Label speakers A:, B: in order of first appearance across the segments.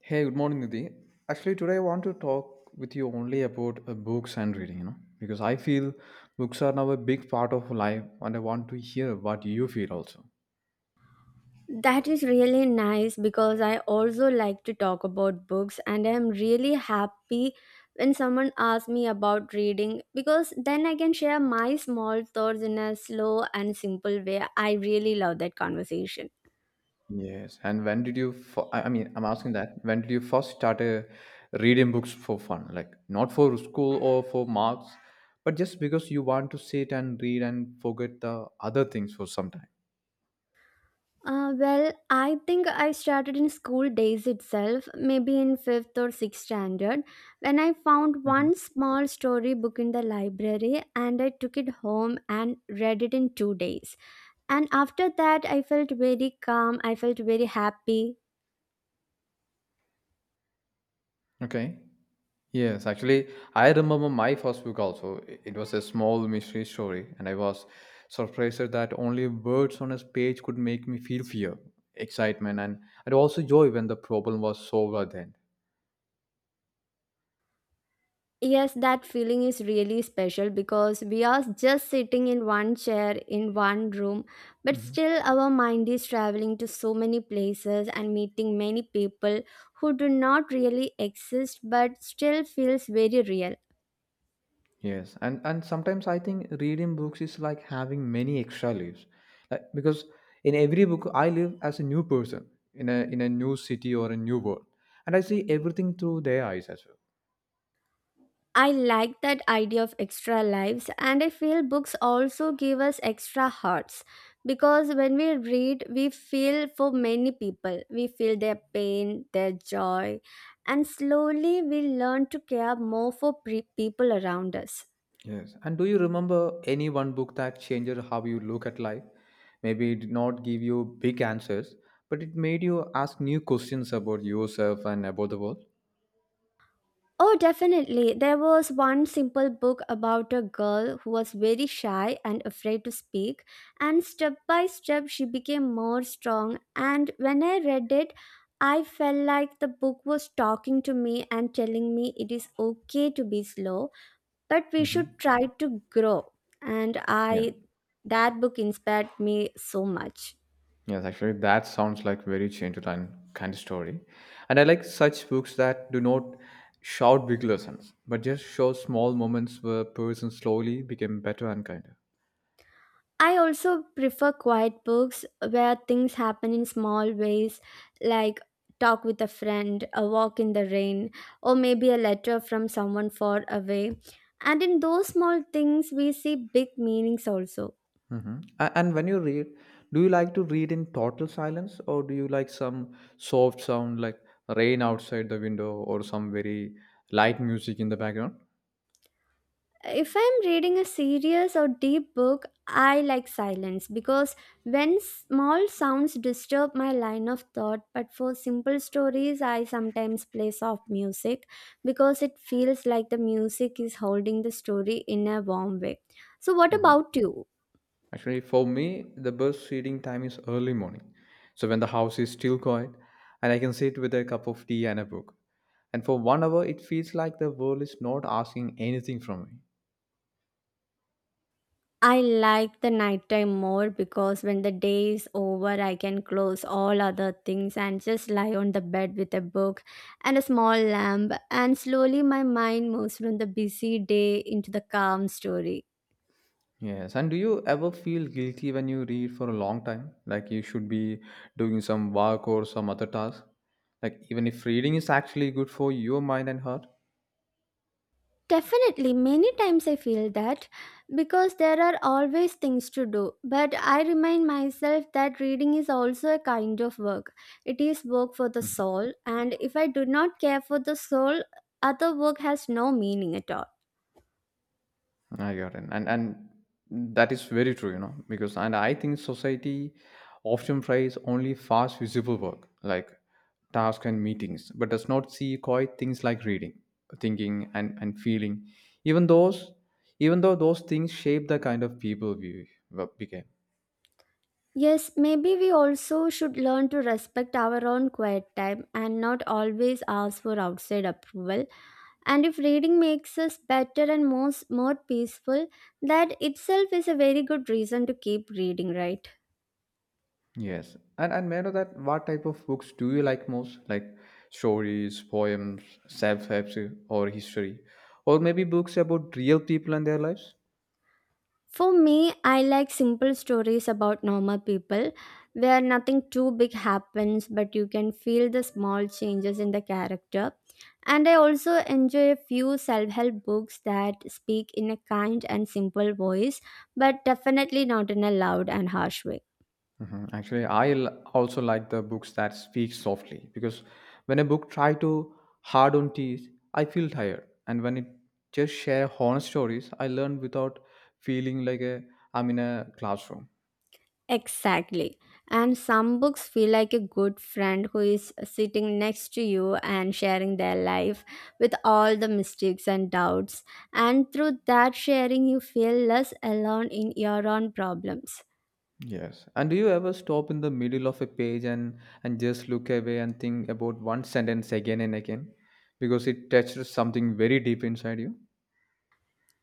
A: Hey, good morning, Nidhi. Actually, today I want to talk with you only about books and reading, because I feel books are now a big part of life, and I want to hear what you feel also.
B: That is really nice because I also like to talk about books and I'm really happy when someone asks me about reading because then I can share my small thoughts in a slow and simple way. I really love that conversation.
A: Yes, and when did you? I mean, I'm asking that. When did you first start reading books for fun, like not for school or for marks, but just because you want to sit and read and forget the other things for some time?
B: Well, I think I started in school days itself, maybe in fifth or sixth standard, when I found
A: Hmm.
B: one small story book in the library and I took it home and read it in 2 days. And after that, I felt very calm. I felt very happy.
A: Okay. Yes, actually, I remember my first book also. It was a small mystery story, and I was surprised that only words on a page could make me feel fear, excitement, and also joy when the problem was solved then.
B: Yes, that feeling is really special because we are just sitting in one chair in one room, but
A: Mhm.
B: still our mind is traveling to so many places and meeting many people who do not really exist but still feels very real.
A: Yes, and sometimes I think reading books is like having many extra lives. Like, because in every book, I live as a new person in a new city or a new world, and I see everything through their eyes as well.
B: I like that idea of extra lives, and I feel books also give us extra hearts because when we read, we feel for many people. We feel their pain, their joy, and slowly we learn to care more for people around us.
A: Yes. And do you remember any one book that changed how you look at life? Maybe it did not give you big answers, but it made you ask new questions about yourself and about the world.
B: Oh, definitely. There was one simple book about a girl who was very shy and afraid to speak, and step by step she became more strong. And when I read it, I felt like the book was talking to me and telling me it is okay to be slow, but we
A: Mm-hmm.
B: should try to grow. And
A: Yes.
B: I that book inspired me so much.
A: Yes, actually, that sounds like very changed and kind of story. And I like such books that do not shout big lessons, but just show small moments where a person slowly became better and kinder.
B: I also prefer quiet books where things happen in small ways, like talk with a friend, a walk in the rain, or maybe a letter from someone far away. And in those small things, we see big meanings also.
A: Mm-hmm. And when you read, do you like to read in total silence or do you like some soft sound like rain outside the window or some very light music in the background?
B: If I'm reading a serious or deep book, I like silence because when small sounds disturb my line of thought. But for simple stories, I sometimes play soft music because it feels like the music is holding the story in a warm way. So what
A: hmm
B: about you?
A: Actually, for me, the best reading time is early morning. So when the house is still quiet and I can sit with a cup of tea and a book. And for 1 hour, it feels like the world is not asking anything from me.
B: I like the nighttime more because when the day is over, I can close all other things and just lie on the bed with a book and a small lamp, and slowly my mind moves from the busy day into the calm story.
A: Yes, and do you ever feel guilty when you read for a long time? Like you should be doing some work or some other task? Like even if reading is actually good for your mind and heart?
B: Definitely, many times I feel that because there are always things to do, but I remind myself that reading is also a kind of work. It is work for the soul, and if I do not care for the soul, other work has no meaning at all.
A: I got it. And that is very true, because and I think society often praise only fast visible work, like tasks and meetings, but does not see quite things like reading, thinking and feeling. Even those even though those things shape the kind of people we became.
B: Yes, maybe we also should learn to respect our own quiet time and not always ask for outside approval. And if reading makes us better and most more peaceful, that itself is a very good reason to keep reading, right?
A: Yes. And may I know that what type of books do you like most? Like stories, poems, self-help or history? Or maybe books about real people and their lives?
B: For me, I like simple stories about normal people where nothing too big happens, but you can feel the small changes in the character. And I also enjoy a few self help books that speak in a kind and simple voice, but definitely not in a loud and harsh way.
A: Actually, I also like the books that speak softly because when a book try to hard on teeth, I feel tired. And when it just share honest stories, I learn without feeling like I'm in a classroom.
B: Exactly. And some books feel like a good friend who is sitting next to you and sharing their life with all the mistakes and doubts. And through that sharing, you feel less alone in your own problems.
A: Yes. And do you ever stop in the middle of a page and just look away and think about one sentence again and again because it touches something very deep inside you?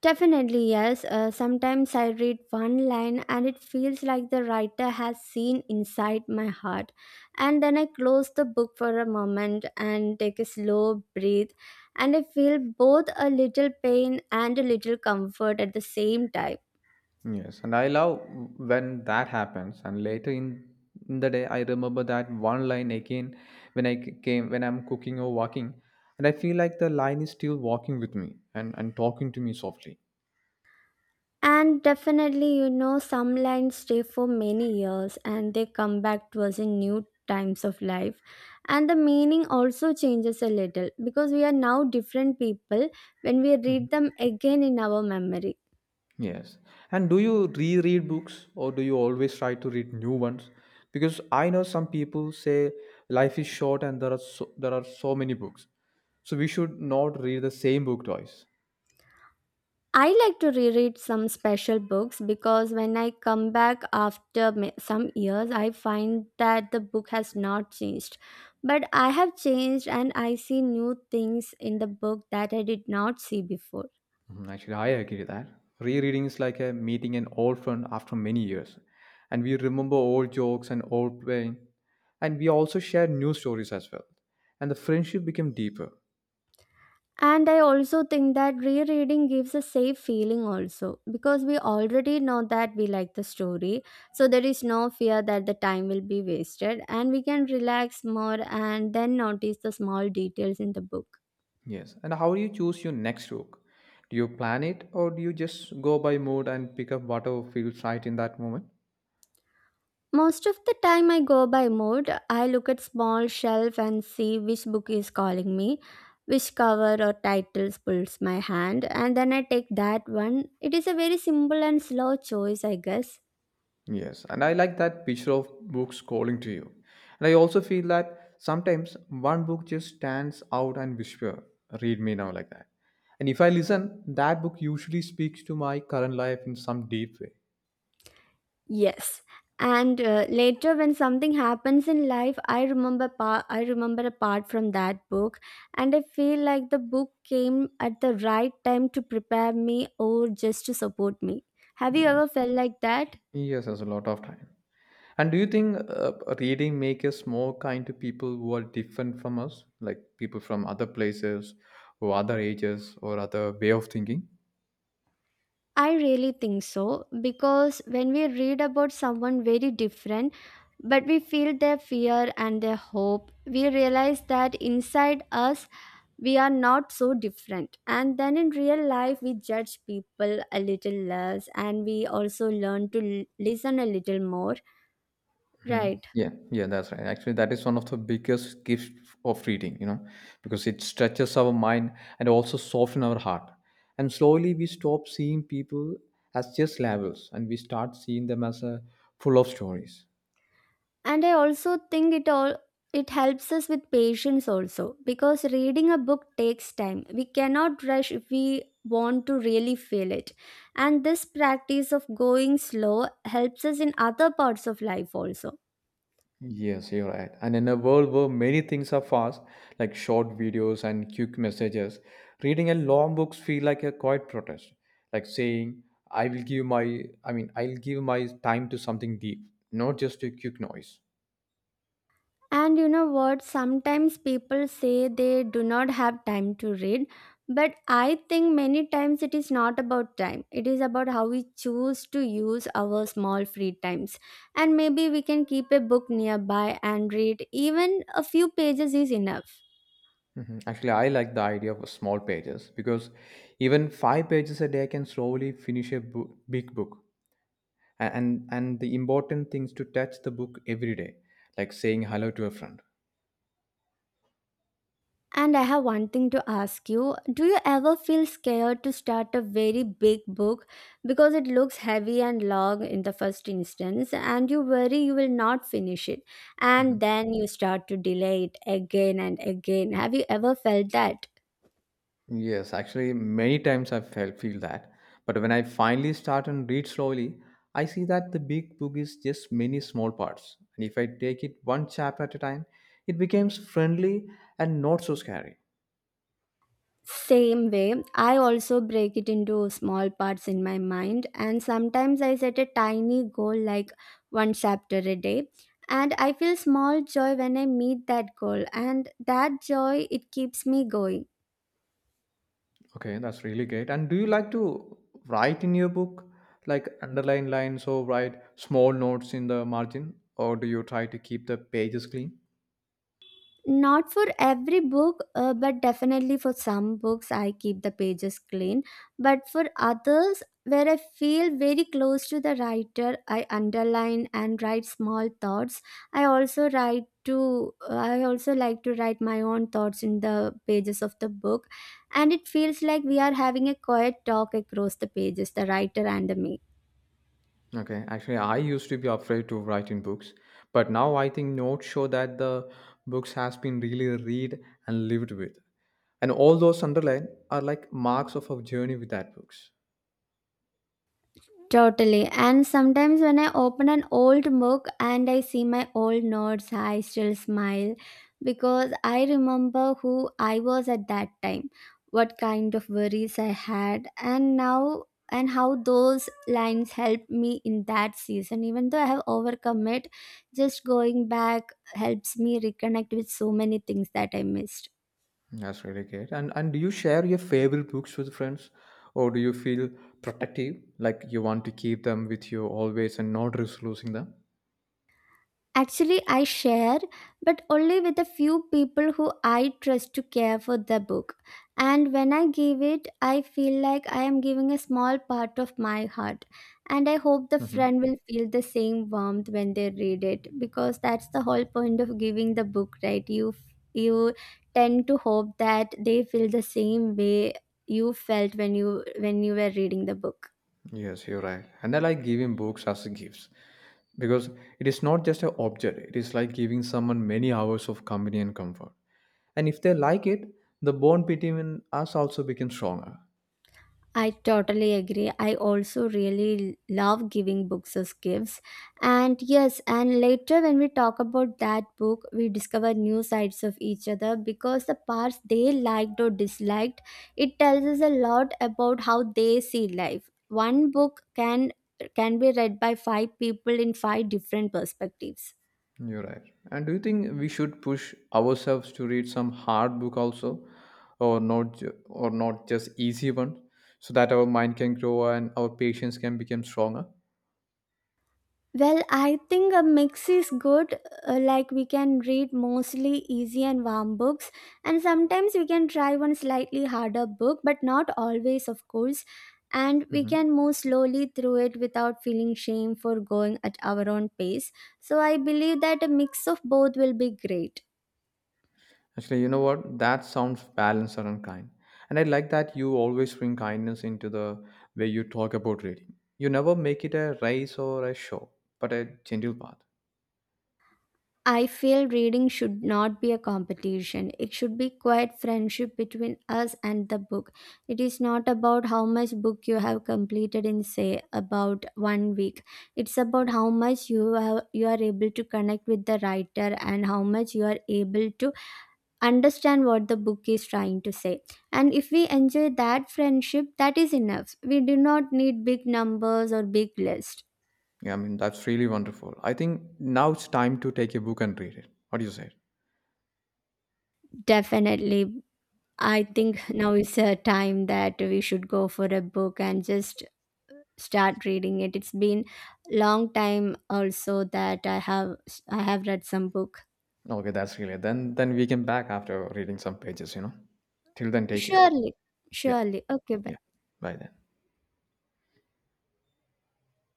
B: Definitely, yes. Sometimes I read one line and it feels like the writer has seen inside my heart. And then I close the book for a moment and take a slow breath. And I feel both a little pain and a little comfort at the same time.
A: Yes. And I love when that happens and later in the day I remember that one line again when I c- came when I'm cooking or walking and I feel like the line is still walking with me and talking to me softly.
B: And definitely, you know, some lines stay for many years and they come back to us in new times of life. And the meaning also changes a little because we are now different people when we read them again in our memory.
A: Yes. And do you reread books or do you always try to read new ones? Because I know some people say life is short and there are so many books. So we should not read the same book twice.
B: I like to reread some special books because when I come back after some years, I find that the book has not changed. But I have changed and I see new things in the book that I did not see before.
A: Mhm. Actually, I agree with that. Rereading is like a meeting an old friend after many years. And we remember old jokes and old pain. And we also share new stories as well. And the friendship became deeper.
B: And I also think that rereading gives a safe feeling also because we already know that we like the story. So there is no fear that the time will be wasted and we can relax more and then notice the small details in the book.
A: Yes. And how do you choose your next rook? Do you plan it or do you just go by mood and pick up whatever feels right in that moment?
B: Most of the time I go by mood. I look at small shelf and see which book is calling me, which cover or titles pulls my hand and then I take that one. It is a very simple and slow choice I guess.
A: Yes. And I like that picture of books calling to you. And I also feel that sometimes one book just stands out and whisper, read me now like that. And if I listen, that book usually speaks to my current life in some deep way.
B: Yes. And later when something happens in life, I remember a part from that book and I feel like the book came at the right time to prepare me or just to support me. Have you ever
A: Yes.
B: felt like that?
A: Yes, there's a lot of time. And do you think reading make us more kind to people who are different from us, like people from other places or other ages or other way of thinking?
B: I really think so because when we read about someone very different but we feel their fear and their hope, we realize that inside us we are not so different and then in real life we judge people a little less and we also learn to listen a little more, right?
A: Yeah, yeah, that's right. Actually, that is one of the biggest gifts of reading, because it stretches our mind and also softens our heart. And slowly we stop seeing people as just labels and we start seeing them as a full of stories.
B: And I also think it helps us with patience also because reading a book takes time. We cannot rush if we want to really feel it. And this practice of going slow helps us in other parts of life also.
A: Yes, you're right. And in a world where many things are fast, like short videos and quick messages, reading a long books feel like a quiet protest, like saying, I mean, I'll give my time to something deep, not just a quick noise.
B: And you know what? Sometimes people say they do not have time to read, but I think many times it is not about time. It is about how we choose to use our small free times. And maybe we can keep a book nearby and read. Even a few pages is enough.
A: Mhm. Actually, I like the idea of small pages because even five pages a day can slowly finish a big book. And the important things to touch the book every day, like saying hello to a friend.
B: And I have one thing to ask you. Do you ever feel scared to start a very big book because it looks heavy and long in the first instance and you worry you will not finish it
A: Mm-hmm.
B: and then you start to delay it again and again? Have you ever felt that?
A: Yes, actually, many times I felt feel that. But when I finally start and read slowly, I see that the big book is just many small parts. And if I take it one chapter at a time, it becomes friendly and not so scary.
B: Same way, I also break it into small parts in my mind, and sometimes I set a tiny goal like one chapter a day. And I feel small joy when I meet that goal, and that joy it keeps me going.
A: Okay, that's really great. And do you like to write in your book, like underline lines or write small notes in the margin, or do you try to keep the pages clean?
B: Not for every book, but definitely for some books, I keep the pages clean. But for others, where I feel very close to the writer, I underline and write small thoughts. I also like to write my own thoughts in the pages of the book, and it feels like we are having a quiet talk across the pages, the writer and me.
A: Okay, actually, I used to be afraid to write in books, but now I think notes show that the books has been really read and lived with, and all those underlined are like marks of our journey with that books.
B: Totally. And sometimes when I open an old book and I see my old notes, I still smile because I remember who I was at that time, what kind of worries I had, and now and how those lines helped me in that season. Even though I have overcome it, just going back helps me reconnect with so many things that I missed.
A: That's really great. And do you share your favorite books with friends, or do you feel protective, like you want to keep them with you always and not risk losing them?
B: Actually, I share, but only with a few people who I trust to care for the book. And when I give it, I feel like I am giving a small part of my heart. And I hope the
A: Mhm.
B: friend will feel the same warmth when they read it, because that's the whole point of giving the book, right? You tend to hope that they feel the same way you felt when you were reading the book.
A: Yes, you're right. And I like giving books as gifts because it is not just an object, it is like giving someone many hours of company and comfort. And if they like it, the bond between us also becomes stronger.
B: I totally agree. I also really love giving books as gifts. And yes, and later when we talk about that book, we discover new sides of each other because the parts they liked or disliked, it tells us a lot about how they see life. One book can be read by five people in five different perspectives.
A: You're right. And do you think we should push ourselves to read some hard book also, or not, just easy one, so that our mind can grow and our patience can become stronger?
B: Well, I think a mix is good. Like we can read mostly easy and warm books, and sometimes we can try one slightly harder book, but not always, of course. And we
A: Mm-hmm.
B: can move slowly through it without feeling shame for going at our own pace. So I believe that a mix of both will be great.
A: Actually, you know what? That sounds balanced and unkind. And I like that you always bring kindness into the way you talk about reading. You never make it a race or a show, but a gentle path.
B: I feel reading should not be a competition. It should be quiet friendship between us and the book. It is not about how much book you have completed in say about one week. It's about how much you have, you are able to connect with the writer and how much you are able to understand what the book is trying to say. And if we enjoy that friendship, that is enough. We do not need big numbers or big list.
A: Yeah, I mean, that's really wonderful. I think now it's time to take a book and read it. What do you say?
B: Definitely, I think now is a time that we should go for a book and just start reading it. It's been long time also that I have read some book.
A: Okay, that's really then we can back after reading some pages. Till then take care.
B: Surely,
A: Yeah.
B: surely. Okay, bye.
A: Yeah. Bye then.